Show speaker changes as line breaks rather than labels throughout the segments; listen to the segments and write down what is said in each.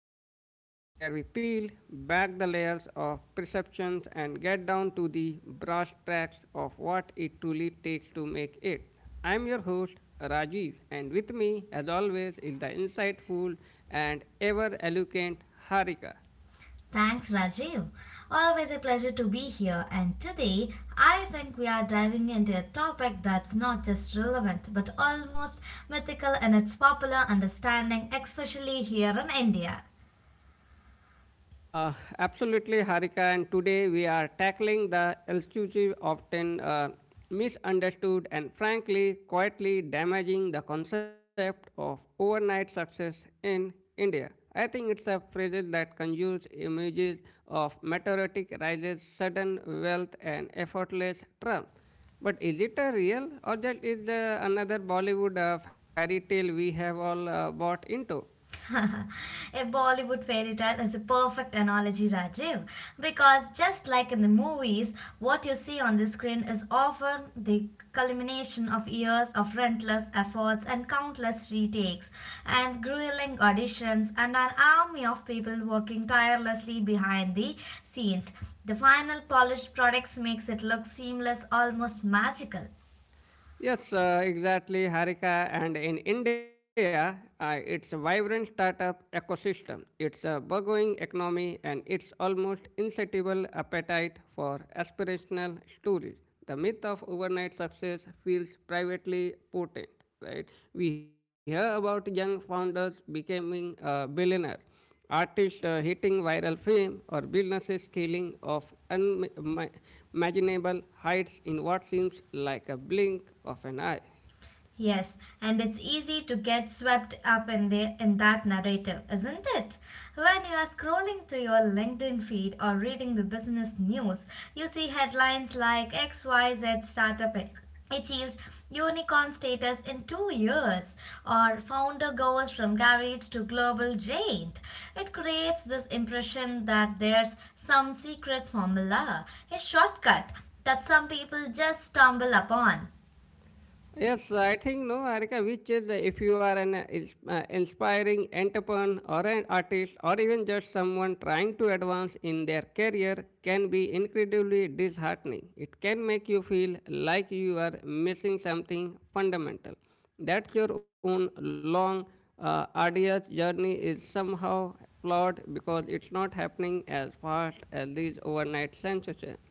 the podcast where we peel back the layers of perceptions and get down to the brass tacks of what it truly takes to make it. I'm your host, Rajiv, and with me, as always, is the insightful and ever eloquent Harika.
Thanks, Rajiv. Always a pleasure to be here. And today, I think we are diving into a topic that's not just relevant but almost mythical in its popular understanding, especially here in India.
Uh, absolutely, Harika. And today we are tackling the elusive, often misunderstood and frankly quietly damaging the concept of overnight success in India. I think it's a phrase that conjures images of meteoric rises, sudden wealth, and effortless triumph. But is it a real or just is the another Bollywood fairy tale we have all bought into?
A Bollywood fairy tale is a perfect analogy, Rajiv, because just like in the movies, what you see on the screen is often the culmination of years of relentless efforts and countless retakes and grueling auditions and an army of people working tirelessly behind the scenes. The final polished products makes it look seamless, almost magical.
Yes, exactly, Harika. And in India, it's a vibrant startup ecosystem. It's a burgeoning economy, and it's almost insatiable appetite for aspirational stories. The myth of overnight success feels privately potent, right? We hear about young founders becoming billionaires, artists hitting viral fame or businesses scaling of unimaginable heights in what seems like a blink of an eye.
Yes, and it's easy to get swept up in the in that narrative, isn't it? When you are scrolling through your LinkedIn feed or reading the business news, you see headlines like XYZ startup e, achieves unicorn status in 2 years or founder goes from garage to global giant. It creates this impression that there's some secret formula, a shortcut that some people just stumble upon.
Yes, I think no, Arika, which is the, if you are an inspiring entrepreneur or an artist or even just someone trying to advance in their career can be incredibly disheartening. It can make you feel like you are missing something fundamental. That your own long, arduous journey is somehow flawed because it's not happening as fast as these overnight sensations.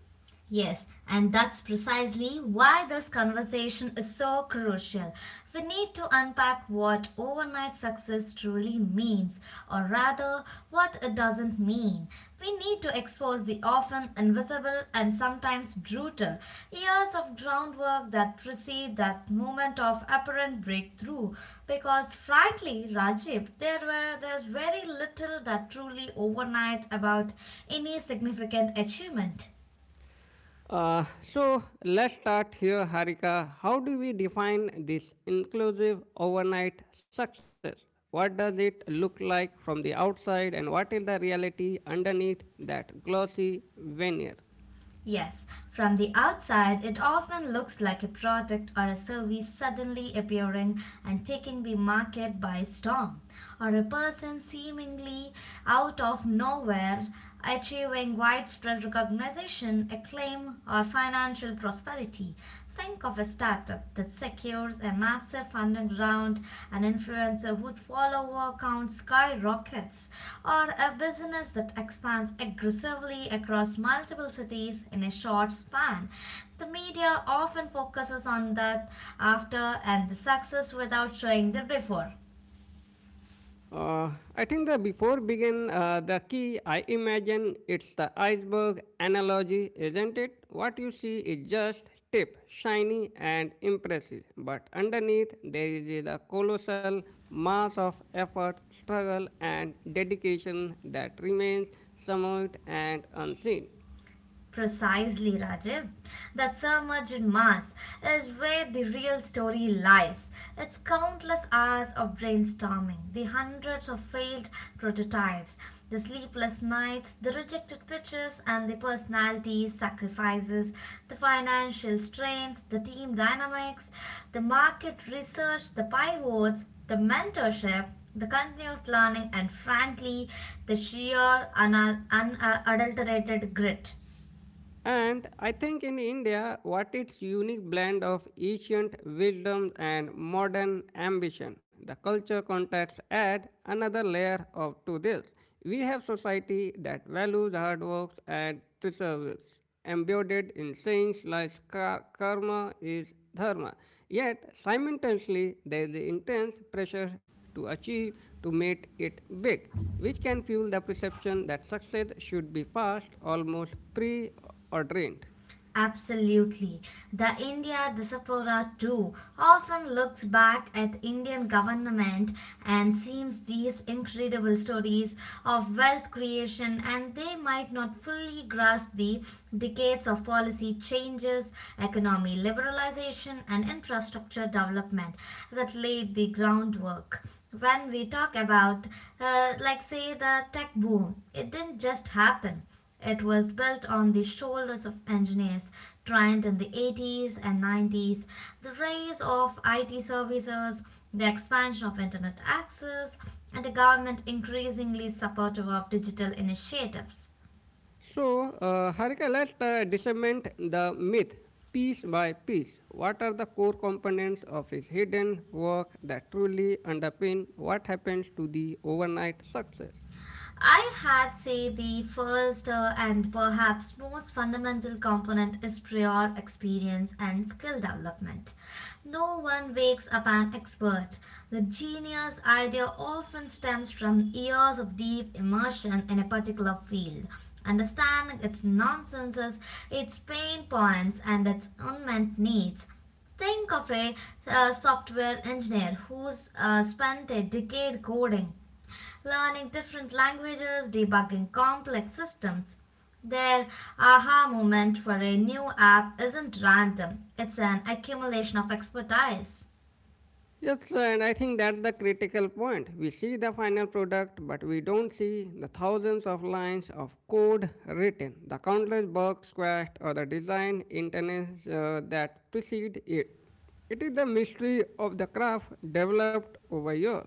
Yes, and that's precisely why this conversation is so crucial. We need to unpack what overnight success truly means, or rather, what it doesn't mean. We need to expose the often invisible and sometimes brutal years of groundwork that precede that moment of apparent breakthrough. Because frankly, Rajib, there's very little that truly overnight about any significant achievement.
Uh, so let's start here, Harika. How do we define this inclusive overnight success? What does it look like from the outside, and what is the reality underneath that glossy veneer?
Yes, from the outside, it often looks like a product or a service suddenly appearing and taking the market by storm, or a person seemingly out of nowhere achieving widespread recognition, acclaim, or financial prosperity. Think of a startup that secures a massive funding round, an influencer whose follower count skyrockets, or a business that expands aggressively across multiple cities in a short span. The media often focuses on the after and the success without showing the before.
Uh, I think that before begin, the key I imagine it's the iceberg analogy, isn't it? What you see is just tip, shiny and impressive, but underneath there is the colossal mass of effort, struggle, and dedication that remains somewhat and unseen.
Precisely, Rajiv. That submerged mass is where the real story lies. It's countless hours of brainstorming, the hundreds of failed prototypes, the sleepless nights, the rejected pitches, and the personalities, sacrifices, the financial strains, the team dynamics, the market research, the pivots, the mentorship, the continuous learning, and frankly, the sheer unadulterated grit.
And I think in India, what its unique blend of ancient wisdom and modern ambition, the culture context add another layer of to this. We have society that values hard work and perseverance, embedded in things like karma is dharma. Yet simultaneously, there is intense pressure to achieve to make it big which can fuel the perception that success should be fast, almost preordained.
Absolutely. The India diaspora too often looks back at Indian government and sees these incredible stories of wealth creation, and they might not fully grasp the decades of policy changes, economy liberalization and infrastructure development that laid the groundwork. When we talk about, like say the tech boom, it didn't just happen. It was built on the shoulders of engineers trained in the 80s and 90s. The rise of IT services, the expansion of internet access, and a government increasingly supportive of digital initiatives.
So, Harika, let's discern the myth piece by piece. What are the core components of his hidden work that truly underpin what happens to the overnight success?
I had say the first and perhaps most fundamental component is prior experience and skill development. No one wakes up an expert. The genius idea often stems from years of deep immersion in a particular field, understanding its nonsenses, its pain points, and its unmet needs. Think of a software engineer who's spent a decade coding, learning different languages, debugging complex systems. Their aha moment for a new app isn't random, it's an accumulation of expertise.
Yes, and I think that's the critical point. We see the final product, but we don't see the thousands of lines of code written, the countless bugs squashed, or the design internes that precede it. It is the mystery of the craft developed over years.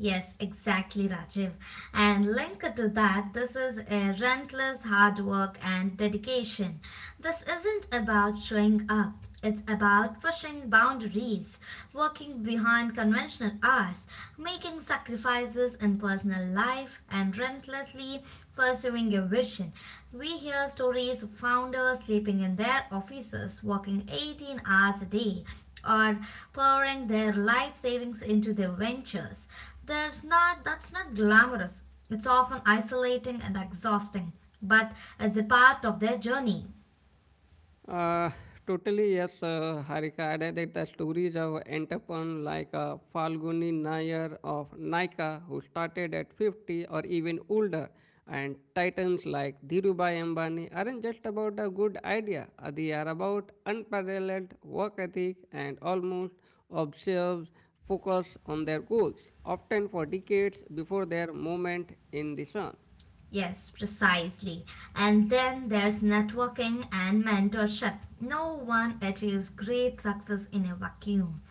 Yes, exactly, Rajiv. And linked to that, this is a relentless hard work and dedication. This isn't about showing up. It's about pushing boundaries, working behind conventional hours, making sacrifices in personal life, and relentlessly pursuing your vision. We hear stories of founders sleeping in their offices, working 18 hours a day, or pouring their life savings into their ventures. There's not that's not glamorous. It's often isolating and exhausting, but as a part of their journey.
Uh, totally, yes, Harika. I read that the stories of entrepreneurs like Falguni Nair of Nika, who started at 50 or even older, and titans like Dhirubhai Ambani aren't just about a good idea. They are about unparalleled work ethic and almost observes focus on their goals, often for decades before their moment in the sun.
Yes, precisely. And then there's networking and mentorship. No one achieves great success in a vacuum.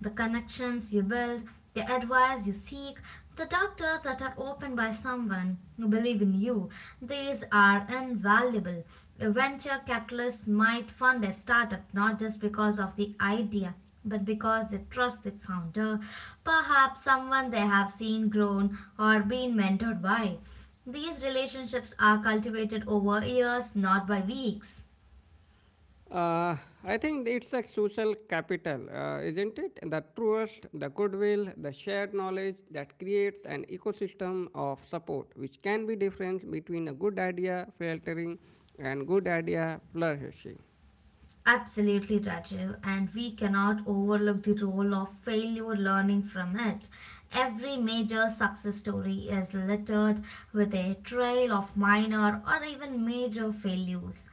The connections you build, the advice you seek, the doctors that are opened by someone who believe in you, these are invaluable. A venture capitalist might fund a startup not just because of the idea, but because they trust the founder, perhaps someone they have seen grown or been mentored by. These relationships are cultivated over years, not by weeks.
Uh, I think it's a social capital, isn't it? The trust, the goodwill, the shared knowledge that creates an ecosystem of support, which can be difference between a good idea faltering and good idea flourishing.
Absolutely, Rajiv, and we cannot overlook the role of failure learning from it. Every major success story is littered with a trail of minor or even major failures.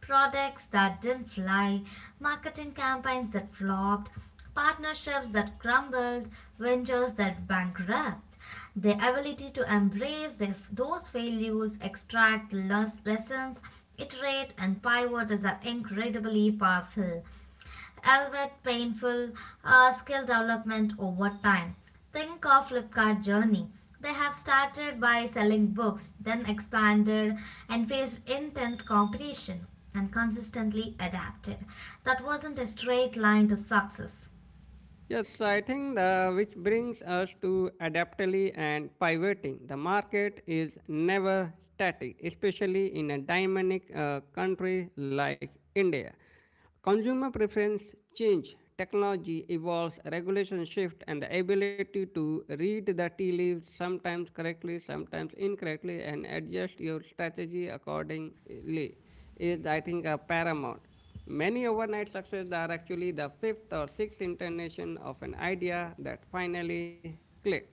Products that didn't fly, marketing campaigns that flopped, partnerships that crumbled, ventures that bankrupt. The ability to embrace those failures, extract lessons, iterate, and pivot is an incredibly powerful, albeit painful, skill development over time. Think of Flipkart journey. They have started by selling books, then expanded and faced intense competition and consistently adapted. That wasn't a straight line to success.
Yes, so I think the, which brings us to adaptability and pivoting. The market is never static, especially in a dynamic country like India. Consumer preference change, technology evolves, regulation shift, and the ability to read the tea leaves sometimes correctly, sometimes incorrectly, and adjust your strategy accordingly is, I think, paramount. Many overnight successes are actually the fifth or sixth incarnation of an idea that finally clicked.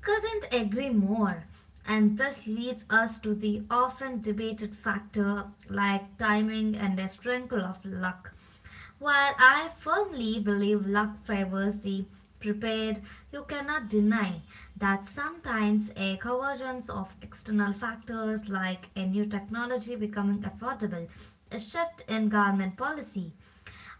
Couldn't agree more. And this leads us to the often debated factor like timing and a sprinkle of luck. While I firmly believe luck favors the prepared, you cannot deny that sometimes a convergence of external factors like a new technology becoming affordable, a shift in government policy,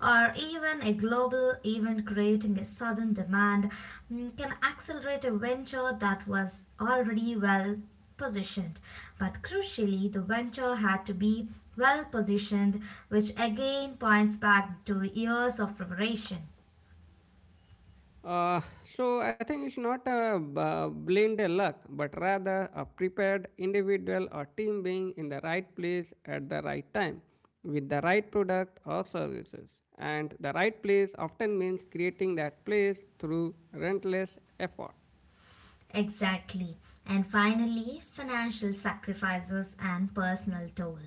or even a global event creating a sudden demand can accelerate a venture that was already well positioned. But crucially, the venture had to be well positioned, which again points back to years of preparation.
Uh, so I think it's not a blind luck, but rather a prepared individual or team being in the right place at the right time with the right product or services. And the right place often means creating that place through relentless effort.
Exactly. And finally, financial sacrifices and personal toll.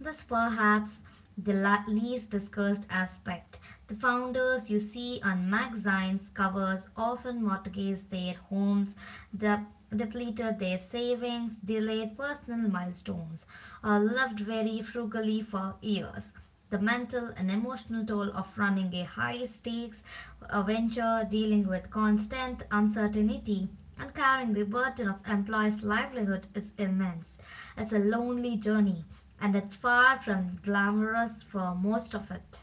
This perhaps the least discussed aspect. The founders you see on magazines covers often mortgaged their homes, de- depleted their savings, delayed personal milestones, or lived very frugally for years. The mental and emotional toll of running a high stakes venture, dealing with constant uncertainty, and carrying the burden of employees' livelihood is immense. It's a lonely journey, and it's far from glamorous for most of it.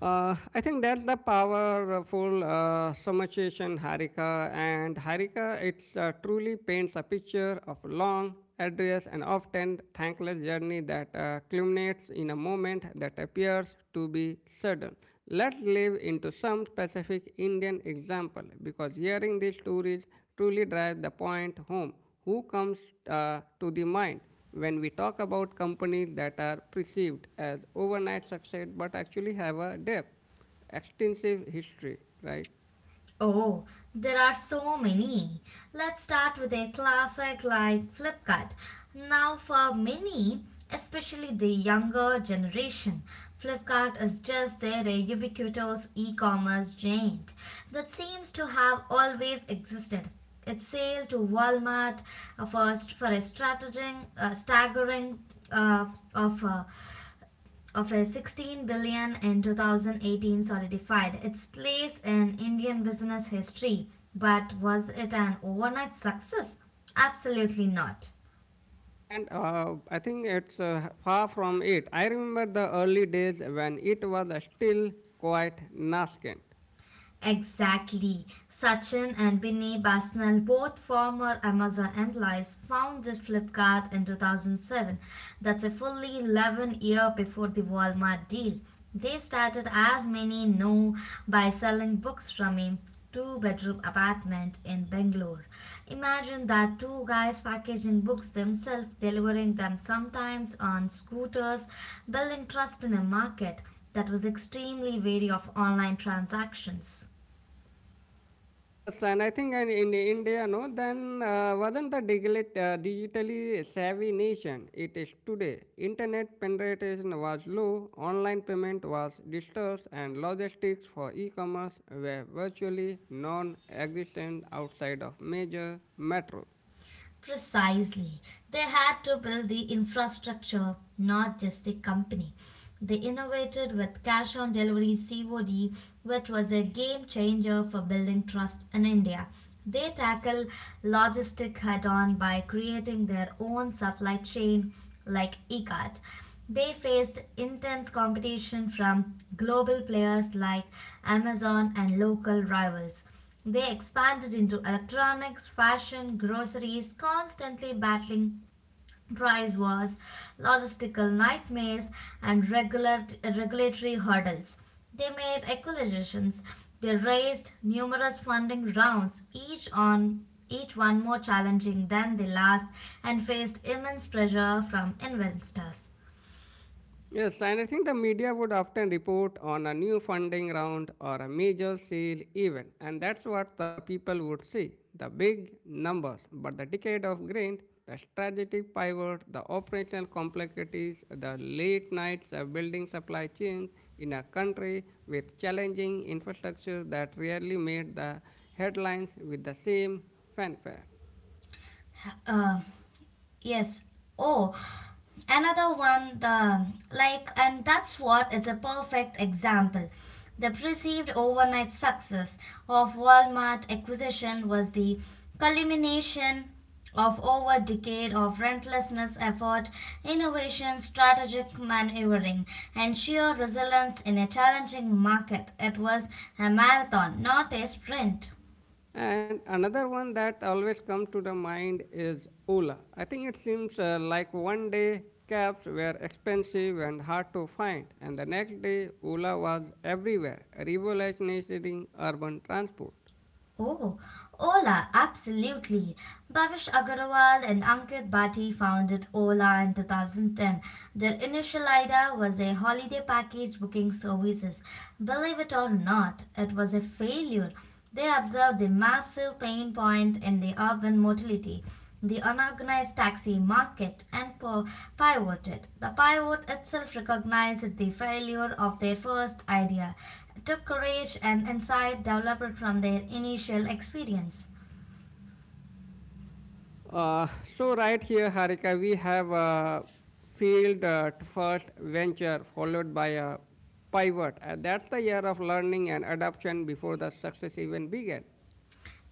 I think that's the powerful Somachesan Harika, and Harika it truly paints a picture of a long, arduous, and often thankless journey that culminates in a moment that appears to be sudden. Let's live into some specific Indian example because hearing these stories truly drives the point home. Who comes to the mind, when we talk about companies that are perceived as overnight success but actually have a depth, extensive history, right?
Oh, there are so many. Let's start with a classic like Flipkart. Now, for many, especially the younger generation, Flipkart is just their ubiquitous e commerce giant that seems to have always existed. Its sale to Walmart first for a strategic, staggering uh, offer of a $16 billion in 2018 solidified its place in Indian business history. But was it an overnight success? Absolutely not.
And I think it's far from it. I remember the early days when it was still quite nascent.
Exactly. Sachin and Binny Basnell, both former Amazon employees, founded Flipkart in 2007. That's a fully 11 year before the Walmart deal. They started, as many know, by selling books from a two-bedroom apartment in Bangalore. Imagine that, two guys packaging books themselves, delivering them sometimes on scooters, building trust in a market that was extremely wary of online transactions.
Yes, and I think and in India, no, then wasn't the digitally savvy nation it is today. Internet penetration was low, online payment was dispersed, and logistics for e-commerce were virtually non-existent outside of major metros.
Precisely. They had to build the infrastructure, not just the company. They innovated with cash on delivery COD, which was a game changer for building trust in India. They tackle logistic head on by creating their own supply chain like eCart. They faced intense competition from global players like Amazon and local rivals. They expanded into electronics, fashion, groceries, constantly battling price wars, logistical nightmares, and regulatory hurdles. They made acquisitions. They raised numerous funding rounds, each one more challenging than the last, and faced immense pressure from investors.
Yes, and I think the media would often report on a new funding round or a major sale event, and that's what the people would see the big numbers. But the decade of grind, the strategic pivot, the operational complexities, the late nights of building supply chains in a country with challenging infrastructures that rarely made the headlines with the same fanfare.
Um, Yes. Oh, another one, the like, and that's what it's a perfect example. The perceived overnight success of Walmart acquisition was the culmination of over a decade of relentless effort, innovation, strategic maneuvering, and sheer resilience in a challenging market. It was a marathon, not a sprint.
And another one that always comes to the mind is Ola. I think it seems like one day cabs were expensive and hard to find, and the next day Ola was everywhere, revolutionizing urban transport.
Oh, Ola, absolutely. Bhavish Agarwal and Ankit Bhatti founded Ola in 2010. Their initial idea was a holiday package booking services. Believe it or not, it was a failure. They observed the massive pain point in the urban mobility, the unorganized taxi market, and pivoted. The pivot itself recognized the failure of their first idea, took courage and insight developed from their initial experience.
Uh, so right here, Harika, we have a field at first venture followed by a pivot, and that's the year of learning and adoption before the success even began.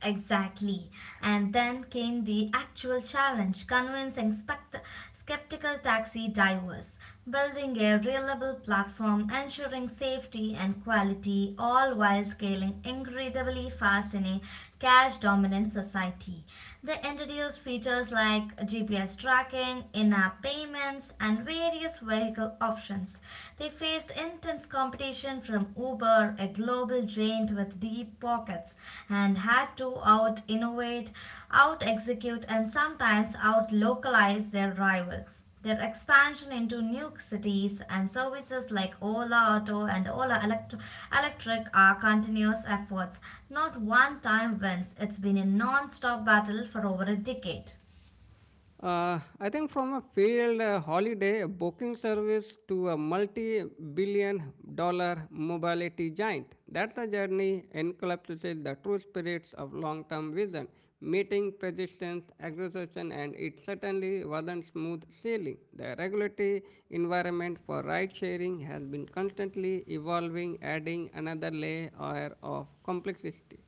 Exactly. And then came the actual challenge convincing skeptical taxi drivers, building a reliable platform, ensuring safety and quality, all while scaling incredibly fast in a cash dominant society. They introduced features like GPS tracking, in app payments, and various vehicle options. They faced intense competition from Uber, a global giant with deep pockets, and had to out innovate, out execute, and sometimes out localize their rival. Their expansion into new cities and services like Ola Auto and Electric are continuous efforts. Not one time wins. It's been a non stop battle for over a decade.
I think from a failed holiday booking service to a multi billion dollar mobility giant. That's a journey encapsulates the true spirits of long term vision, meeting, persistence, exhaustion, and it certainly wasn't smooth sailing. The regulatory environment for ride sharing has been constantly evolving, adding another layer of complexity.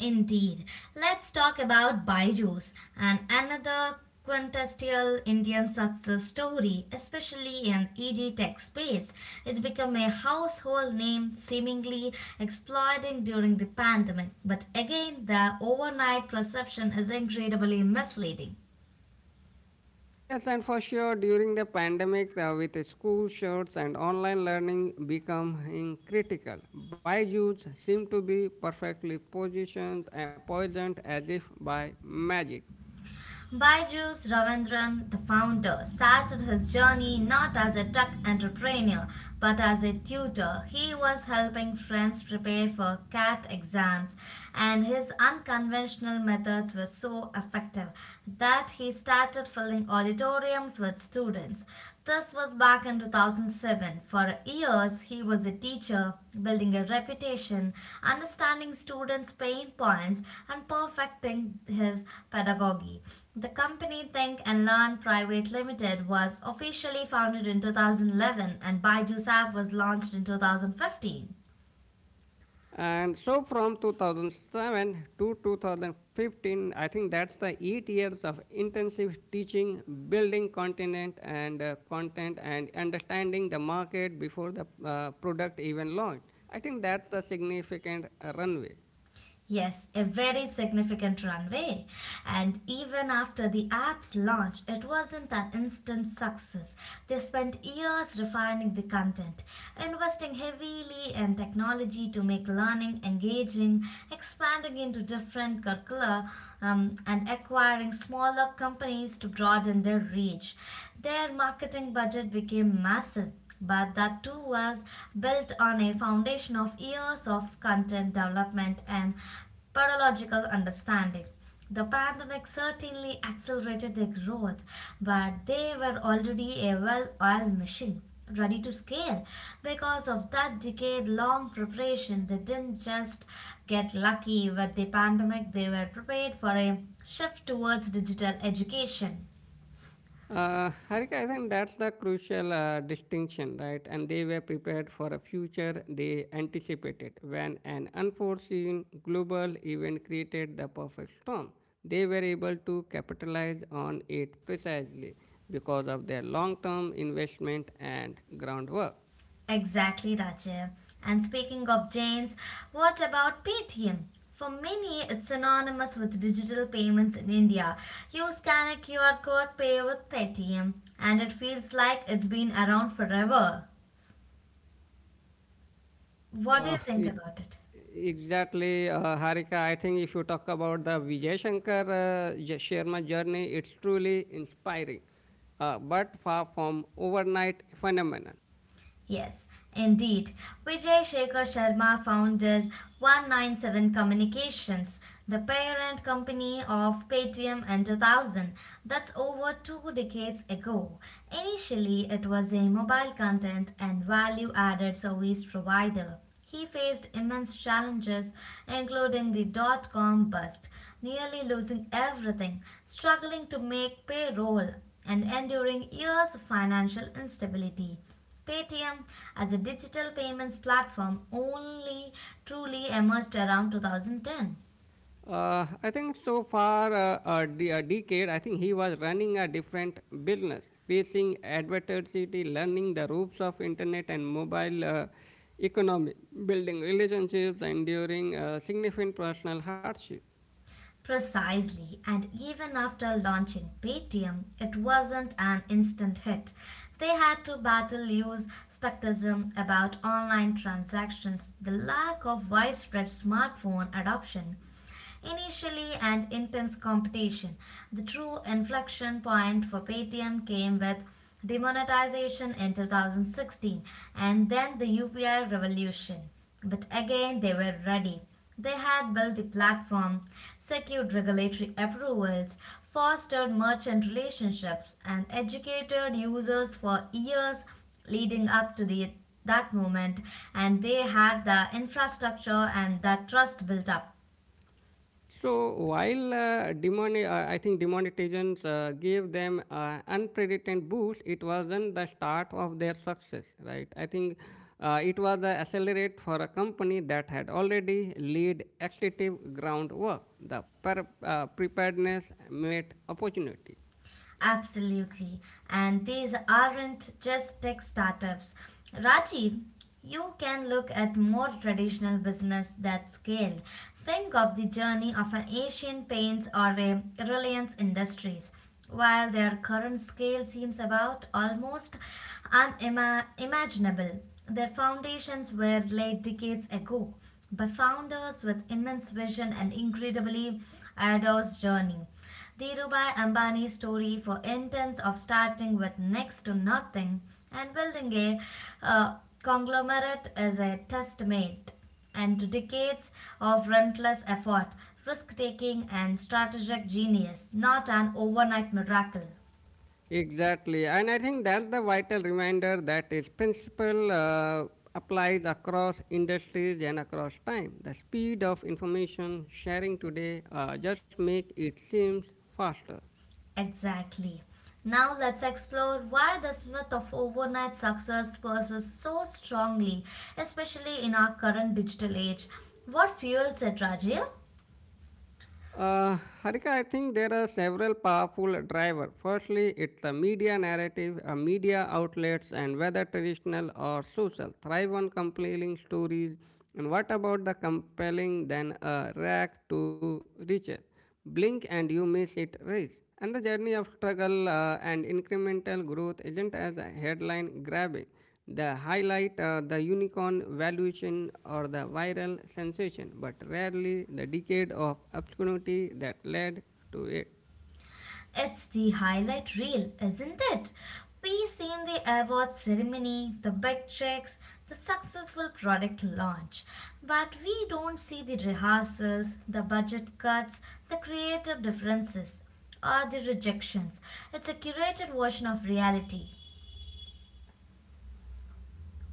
Indeed. Let's talk about Baiju's and another quintessential Indian success story, especially in ED tech space. It became a household name, seemingly exploding during the pandemic. But again, the overnight perception is incredibly misleading.
Yes, and for sure, during the pandemic, with school shorts and online learning becoming critical, Byju's seem to be perfectly positioned and poisoned as if by magic.
Baijus Ravindran, the founder, started his journey not as a tech entrepreneur but as a tutor. He was helping friends prepare for CAT exams, and his unconventional methods were so effective that he started filling auditoriums with students. This was back in 2007. For years, he was a teacher, building a reputation, understanding students' pain points, and perfecting his pedagogy. The company Think and Learn Private Limited was officially founded in 2011 and Baidu App was launched in 2015.
And so, from 2007 to 2015, I think that's the 8 years of intensive teaching, building content and and understanding the market before the product even launched. I think that's the significant runway.
Yes, a very significant runway. And even after the app's launch, it wasn't an instant success. They spent years refining the content, investing heavily in technology to make learning engaging, expanding into different curricula, and acquiring smaller companies to broaden their reach. Their marketing budget became massive, but that too was built on a foundation of years of content development and pedagogical understanding. The pandemic certainly accelerated their growth, but they were already a well oiled machine, ready to scale. Because of that decade long preparation, they didn't just get lucky with the pandemic, they were prepared for a shift towards digital education.
Harika, I think that's the crucial distinction, right? And they were prepared for a future they anticipated when an unforeseen global event created the perfect storm. They were able to capitalize on it precisely because of their long term investment and groundwork.
Exactly, Rajiv. And speaking of Jains, what about Paytm? For many, it's synonymous with digital payments in India. You scan a QR code, pay with Paytm, and it feels like it's been around forever. What do
Uh,
you think about it?
Exactly Harika. I think if you talk about the Vijay Shankar Sharma journey, it's truly inspiring, but far from overnight phenomenon.
Yes, indeed. Vijay Shekhar Sharma founded 197 Communications, the parent company of Paytm in 2000. That's over two decades ago. Initially, it was a mobile content and value added service provider. He faced immense challenges, including the dot-com bust, nearly losing everything, struggling to make payroll, and enduring years of financial instability. Paytm as a digital payments platform only truly emerged around 2010.
I think so far a decade, I think he was running a different business, facing adversity, learning the ropes of internet and mobile economy, building relationships, enduring significant personal hardship.
Precisely, and even after launching Paytm, it wasn't an instant hit. They had to battle loose skepticism about online transactions, the lack of widespread smartphone adoption initially, and intense competition. The true inflection point for Paytm came with demonetization in 2016 and then the UPI revolution. But again, they were ready. They had built a platform, secured regulatory approvals, fostered merchant relationships, and educated users for years leading up to that moment, and they had the infrastructure and the trust built up.
So while I think demonetizations gave them unprecedented boost, it wasn't the start of their success, right? I think it was the accelerate for a company that had already laid extensive groundwork. The preparedness met opportunity.
Absolutely. And these aren't just tech startups. Rajiv, you can look at more traditional business that scaled. Think of the journey of an Asian Paints or a Reliance Industries. While their current scale seems about almost unimaginable, their foundations were laid decades ago by founders with immense vision and incredibly arduous journey. Dhirubhai Ambani's story for intents of starting with next to nothing and building a uh, conglomerate is a testament and to decades of relentless effort, risk taking, and strategic genius, not an overnight miracle.
Exactly, and I think that's the vital reminder that its principle applies across industries and across time. The speed of information sharing today just make it seems faster.
Exactly. Now let's explore why this myth of overnight success persists so strongly, especially in our current digital age. What fuels it, Rajya?
Uh, Harika, I think there are several powerful drivers. Firstly, it's the media narrative, media outlets, and whether traditional or social thrive on compelling stories. And what about the compelling then a rack to riches? Blink and you miss it race. And the journey of struggle and incremental growth isn't as a headline grabbing. They highlight the unicorn valuation or the viral sensation, but rarely the decade of obscurity that led to it.
It's the highlight reel, isn't it? We seen the award ceremony, the big checks, the successful product launch, but we don't see the rehearsals, the budget cuts, the creative differences, or the rejections. It's a curated version of reality.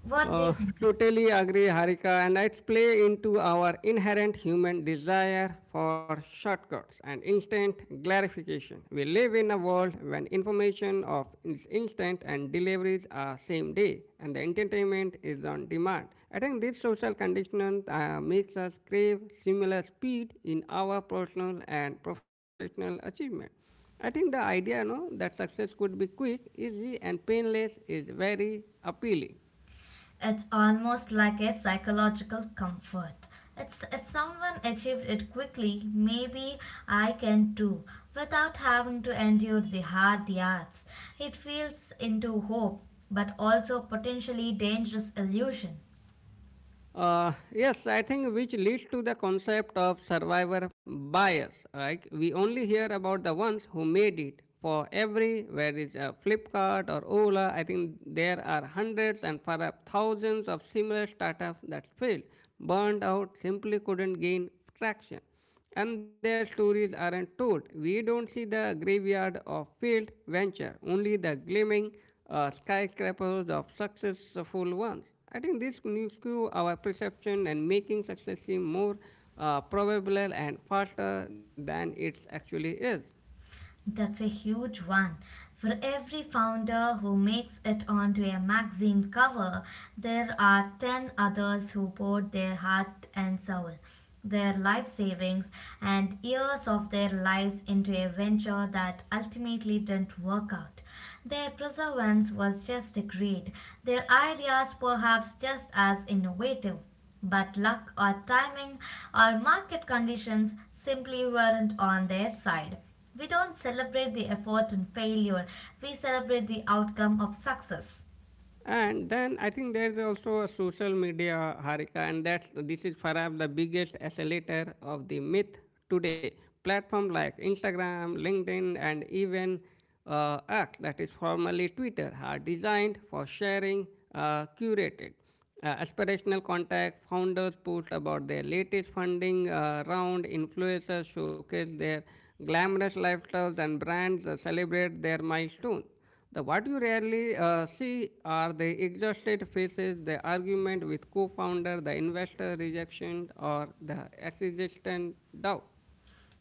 What do
Uh,
you think?
totally agree, Harika, and it's play into our inherent human desire for shortcuts and instant gratification. We live in a world when information of is instant and deliveries are same day, and the entertainment is on demand. I think this social condition makes us crave similar speed in our personal and professional achievement. I think the idea, no, that success could be quick, easy, and painless is very appealing.
It's almost like a psychological comfort. It's if someone achieved it quickly, maybe I can too, without having to endure the hard yards. It feeds into hope, but also potentially dangerous illusion.
Yes, I think which leads to the concept of survivor bias. Like we only hear about the ones who made it. For every where is a Flipkart or Ola, I think there are hundreds and perhaps thousands of similar startups that failed, burned out, simply couldn't gain traction and their stories aren't told. We don't see the graveyard of failed venture, only the gleaming skyscrapers of successful ones. I think this new skew our perception and making success seem more probable and faster than it actually is.
That's a huge one. For every founder who makes it onto a magazine cover, there are 10 others who poured their heart and soul, their life savings, and years of their lives into a venture that ultimately didn't work out. Their perseverance was just great, their ideas perhaps just as innovative. But luck or timing or market conditions simply weren't on their side. We don't celebrate the effort in failure, we celebrate the outcome of success.
And then I think there is also a social media harika, and that's this is perhaps the biggest accelerator of the myth today. Platform like Instagram, LinkedIn, and even X, that is formerly Twitter, are designed for sharing, curated. Aspirational contact founders post about their latest funding round. Influencers showcase their glamorous lifestyles, and brands celebrate their milestones. The what you rarely see are the exhausted faces, the argument with co-founder, the investor rejection, or the existential doubt.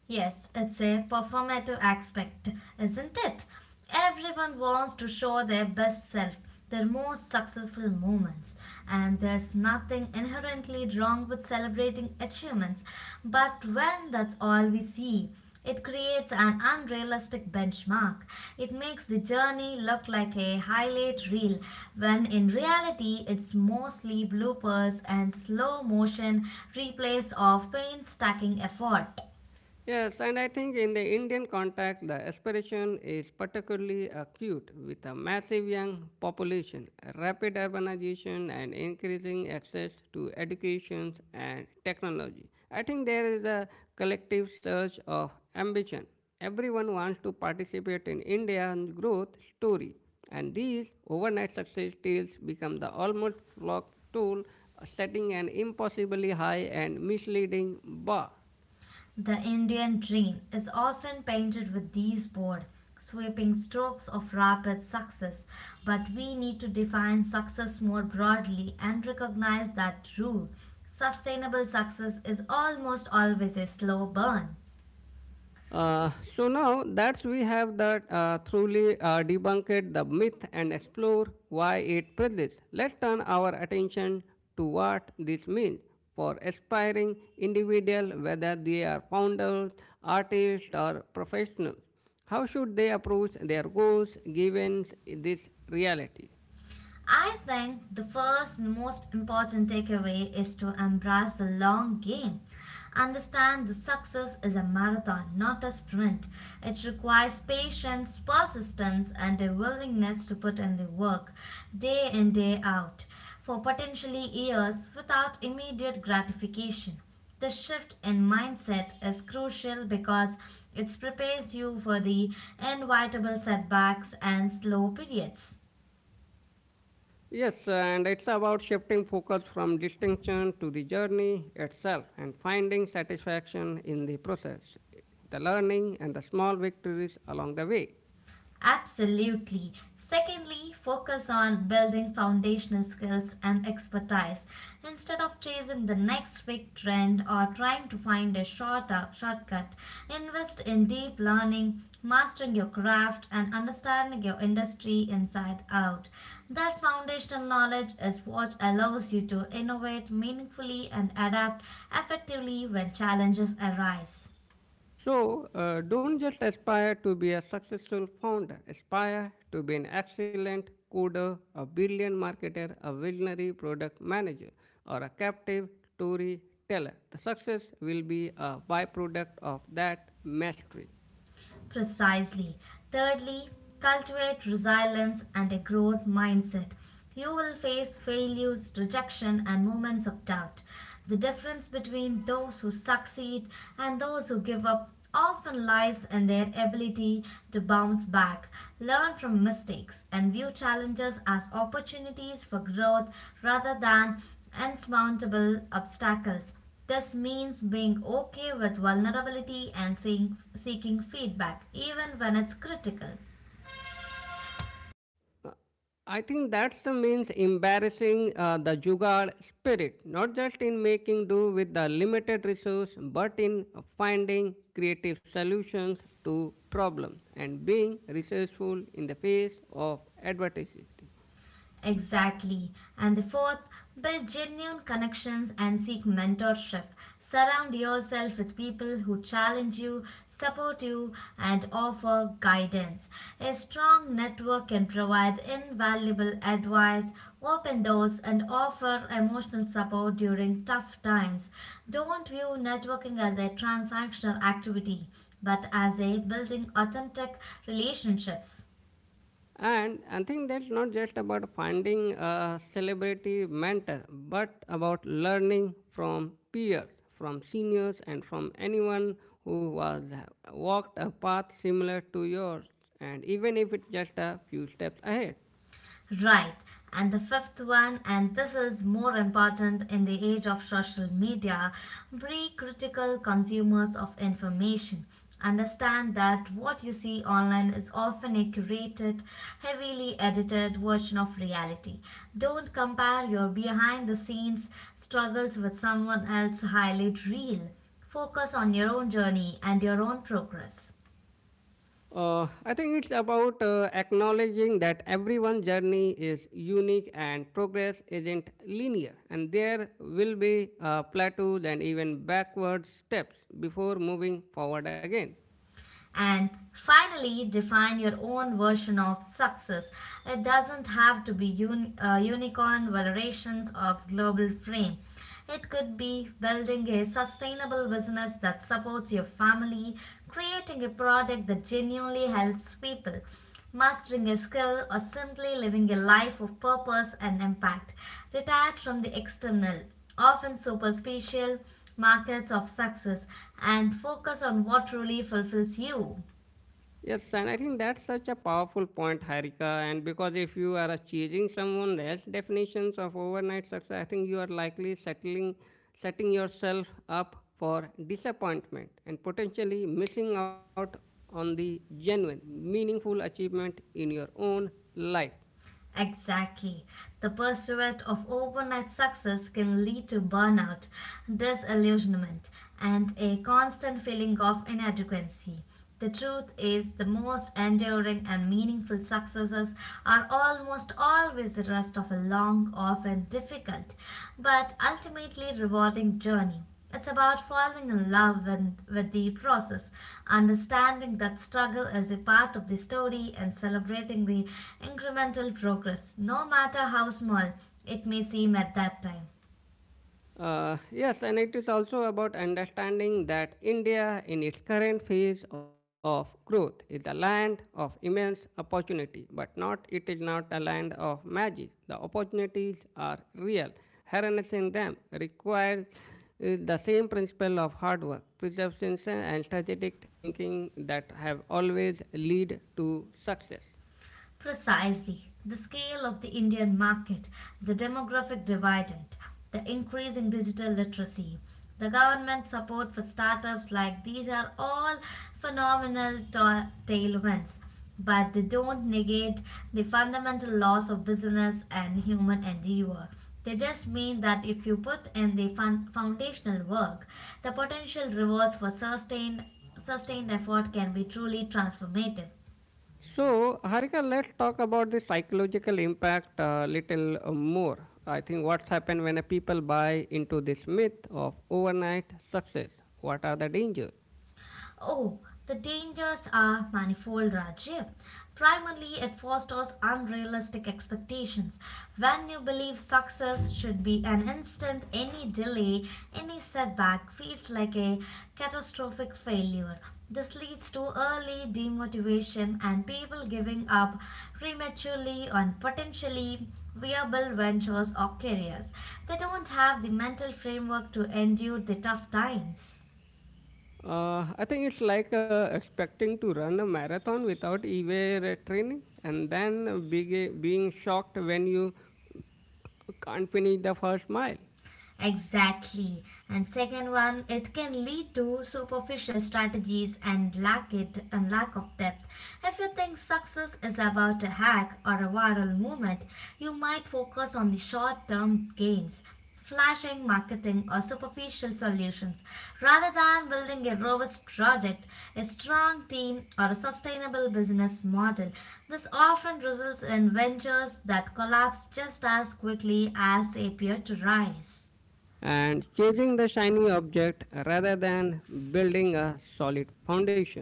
Yes, it's a performative aspect, isn't it? Everyone wants to show their best self, their most successful moments, and there's nothing inherently wrong with celebrating achievements. But when that's all we see, it creates an unrealistic benchmark. It makes the journey look like a highlight reel, when in reality, it's mostly bloopers and slow motion replays of painstaking effort.
Yes, and I think in the Indian context, the aspiration is particularly acute with a massive young population, rapid urbanization, and increasing access to education and technology. I think there is a collective surge of ambition. Everyone wants to participate in India's growth story, and these overnight success tales become the almost flock tool, setting an impossibly high and misleading bar.
The Indian dream is often painted with these broad, sweeping strokes of rapid success, but we need to define success more broadly and recognize that true, sustainable success is almost always a slow burn.
Uh, so now that we have that truly debunked the myth and explore why it persists, let's turn our attention to what this means for aspiring individuals, whether they are founders, artists, or professionals. How should they approach their goals given this reality?
I think the first most important takeaway is to embrace the long game. Understand the success is a marathon, not a sprint. It requires patience, persistence, and a willingness to put in the work day in, day out for potentially years without immediate gratification. The shift in mindset is crucial because it prepares you for the inevitable setbacks and slow periods.
Yes, and it's about shifting focus from distinction to the journey itself and finding satisfaction in the process, the learning, and the small victories along the way.
Absolutely. Secondly, focus on building foundational skills and expertise instead of chasing the next big trend or trying to find a shorter shortcut. Invest in deep learning, mastering your craft and understanding your industry inside out. That foundational knowledge is what allows you to innovate meaningfully and adapt effectively when challenges arise.
So, don't just aspire to be a successful founder, aspire to be an excellent coder, a billion marketer, a visionary product manager, or a captive storyteller. The success will be a byproduct of that mastery.
Precisely. Thirdly, cultivate resilience and a growth mindset. You will face failures, rejection, and moments of doubt. The difference between those who succeed and those who give up often lies in their ability to bounce back, learn from mistakes, and view challenges as opportunities for growth rather than insurmountable obstacles. This means being okay with vulnerability and seeking feedback, even when it's critical.
I think that's the means embarrassing the jugaad spirit, not just in making do with the limited resource, but in finding creative solutions to problems and being resourceful in the face of adversity.
Exactly. And the fourth, build genuine connections and seek mentorship. Surround yourself with people who challenge you, support you, and offer guidance. A strong network can provide invaluable advice, open doors, and offer emotional support during tough times. Don't view networking as a transactional activity, but as a building authentic relationships.
And I think that's not just about finding a celebrity mentor, but about learning from peers, from seniors, and from anyone who was walked a path similar to yours, and even if it's just a few steps ahead.
Right. And the fifth one, and this is more important in the age of social media, be critical consumers of information. Understand that what you see online is often a curated, heavily edited version of reality. Don't compare your behind the scenes struggles with someone else's highlight reel. Focus on your own journey and your own progress.
I think it's about acknowledging that everyone's journey is unique and progress isn't linear, and there will be plateaus and even backward steps before moving forward again.
And finally, define your own version of success. It doesn't have to be unicorn valuations of global fame. It could be building a sustainable business that supports your family, creating a product that genuinely helps people, mastering a skill, or simply living a life of purpose and impact, detached from the external, often superficial markets of success, and focus on what truly fulfills you.
Yes, and I think that's such a powerful point, Harika. And because if you are chasing someone else's definitions of overnight success, I think you are likely settling, setting yourself up for disappointment and potentially missing out on the genuine, meaningful achievement in your own life.
Exactly. The pursuit of overnight success can lead to burnout, disillusionment, and a constant feeling of inadequacy. The truth is, the most enduring and meaningful successes are almost always the rest of a long, often difficult, but ultimately rewarding journey. It's about falling in love with the process, understanding that struggle is a part of the story, and celebrating the incremental progress, no matter how small it may seem at that time.
Yes, and it is also about understanding that India, in its current phase of growth, is a land of immense opportunity, but not it is not a land of magic. The opportunities are real. Harnessing them requires the same principle of hard work, perseverance, and strategic thinking that have always lead to success.
Precisely. The scale of the Indian market, the demographic dividend, the increasing digital literacy, the government support for startups like these are all phenomenal tailwinds, but they don't negate the fundamental laws of business and human endeavor. They just mean that if you put in the foundational work, the potential rewards for sustained effort can be truly transformative.
So, Harika, let's talk about the psychological impact a little more. I think what's happened when a people buy into this myth of overnight success? What are the dangers?
Oh, the dangers are manifold, Rajiv. Primarily, it fosters unrealistic expectations. When you believe success should be an instant, any delay, any setback feels like a catastrophic failure. This leads to early demotivation and people giving up prematurely on potentially viable ventures or careers. They don't have the mental framework to endure the tough times.
I think it's like expecting to run a marathon without ever training and then being shocked when you can't finish the first mile
Exactly. And second one, it can lead to superficial strategies and lack it and lack of depth. If you think success is about a hack or a viral movement, you might focus on the short-term gains, flashing marketing or superficial solutions, rather than building a robust product, a strong team, or a sustainable business model. This often results in ventures that collapse just as quickly as they appear to rise.
and chasing the shiny object rather than building a solid foundation.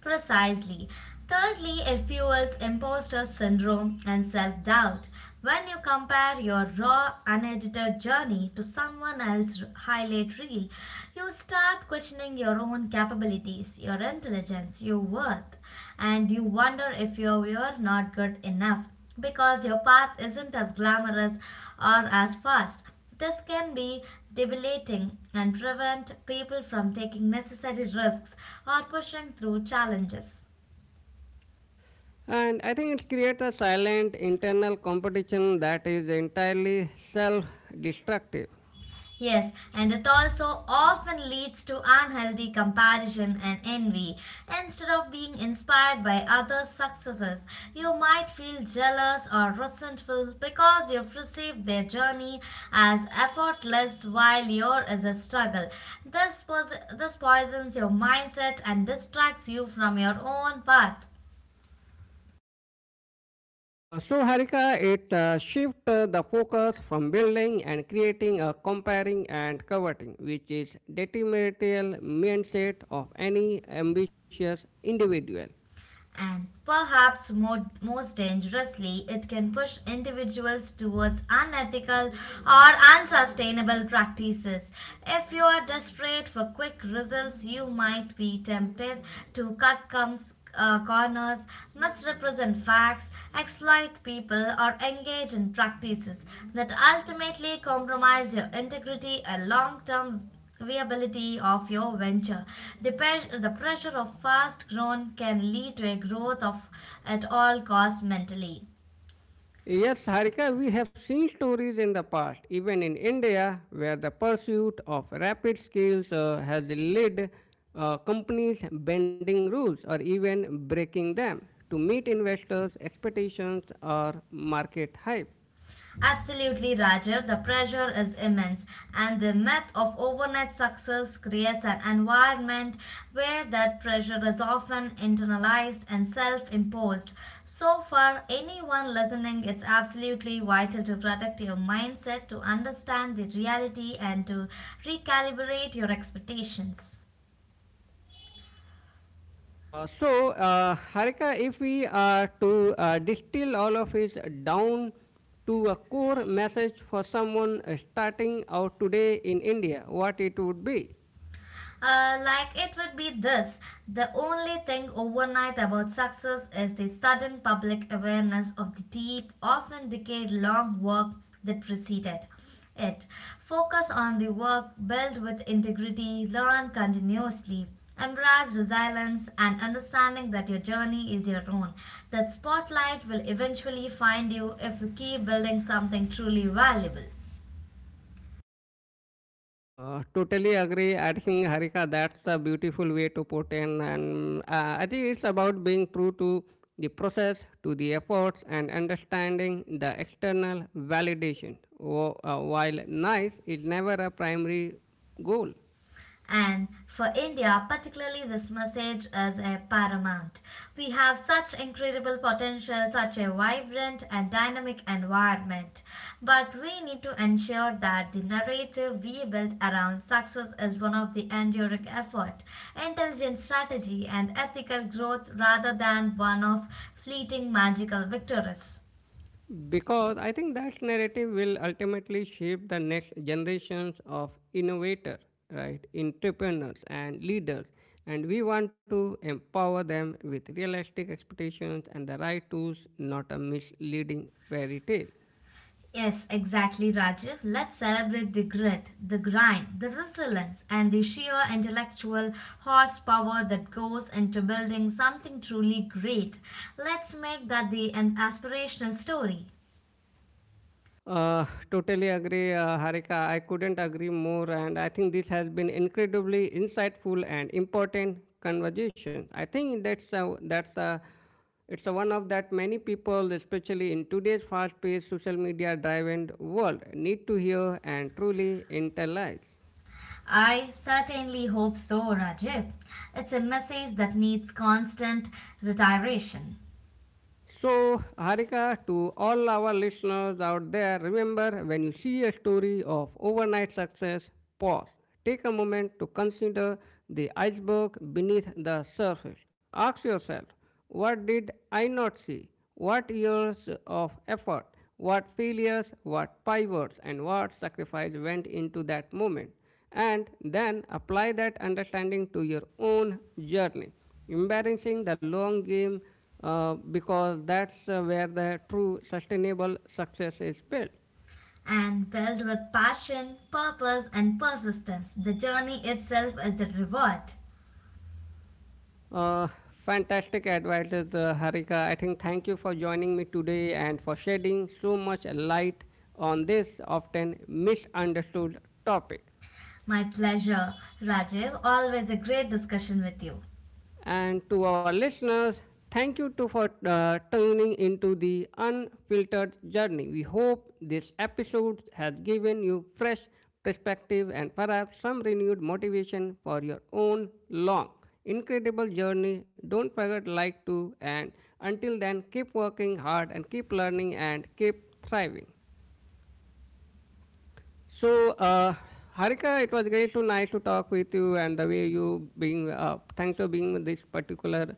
Precisely. Thirdly, it fuels imposter syndrome and self doubt. When you compare your raw, unedited journey to someone else's highlight reel, you start questioning your own capabilities, your intelligence, your worth, and you wonder if you are not good enough because your path isn't as glamorous or as fast. This can be debilitating and prevent people from taking necessary risks or pushing through challenges.
And I think it creates a silent internal competition that is entirely self destructive.
Yes, and it also often leads to unhealthy comparison and envy. Instead of being inspired by others' successes, you might feel jealous or resentful because you've perceived their journey as effortless while yours is a struggle. This poisons your mindset and distracts you from your own path.
So, Harika, it shifts the focus from building and creating a comparing and coveting, which is detrimental mindset of any ambitious individual.
And most dangerously, it can push individuals towards unethical or unsustainable practices. If you are desperate for quick results, you might be tempted to corners, misrepresent facts, exploit people, or engage in practices that ultimately compromise your integrity and long term viability of your venture. The pressure of fast growth can lead to a growth of at all costs mentally.
Yes, Harika, we have seen stories in the past, even in India, where the pursuit of rapid skills has led companies bending rules or even breaking them to meet investors' expectations or market hype.
Absolutely, Rajiv. The pressure is immense, and the myth of overnight success creates an environment where that pressure is often internalized and self imposed. So, for anyone listening, it's absolutely vital to protect your mindset, to understand the reality, and to recalibrate your expectations.
So, Harika, if we are to distill all of it down to a core message for someone starting out today in India, what it would be?
Like it would be this, the only thing overnight about success is the sudden public awareness of the deep, often decade long work that preceded it. Focus on the work, build with integrity, learn continuously. Embrace resilience and understanding that your journey is your own. That spotlight will eventually find you if you keep building something truly valuable.
Totally agree. I think Harika, that's the beautiful way to put in, and I think it's about being true to the process, to the efforts, and understanding the external validation. While nice is never a primary goal.
And for India, particularly, this message is a paramount. We have such incredible potential, such a vibrant and dynamic environment. But we need to ensure that the narrative we build around success is one of the enduring effort, intelligent strategy, and ethical growth rather than one of fleeting magical victories.
Because I think that narrative will ultimately shape the next generations of innovators, right, entrepreneurs and leaders. And we want to empower them with realistic expectations and the right tools, not a misleading fairy tale.
Yes, exactly, Rajiv. Let's celebrate the grit, the grind, the resilience, and the sheer intellectual horsepower that goes into building something truly great. Let's make that the an aspirational story.
Uh, totally agree, Harika. I couldn't agree more, and I think this has been incredibly insightful and important conversation. I think it's a one of that many people, especially in today's fast-paced social media-driven world, need to hear and truly internalize.
I certainly hope so, Rajiv. It's a message that needs constant retiration
So, Harika, to all our listeners out there, remember when you see a story of overnight success, pause. Take a moment to consider the iceberg beneath the surface. Ask yourself, what did I not see? What years of effort, what failures, what pivots, and what sacrifice went into that moment? And then apply that understanding to your own journey. Embracing the long game because that's where the true sustainable success is built.
and built with passion, purpose, and persistence. The journey itself is the reward.
Uh, fantastic advices, Harika. I think thank you for joining me today and for shedding so much light on this often misunderstood topic.
My pleasure, Rajiv. Always a great discussion with you.
And to our listeners, thank you too for tuning into the unfiltered journey. We hope this episode has given you fresh perspective and perhaps some renewed motivation for your own long incredible journey. Don't forget to like to and until then keep working hard and keep learning and keep thriving. So, Harika, it was great to nice to talk with you and the way you being thanks for being this particular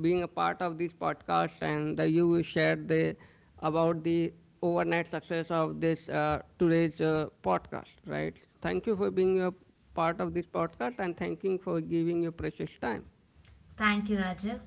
being a part of this podcast and the, you shared the about the overnight success of this today's podcast. Right? Thank you for being a part of this podcast and thanking for giving your precious time.
Thank you, Rajiv.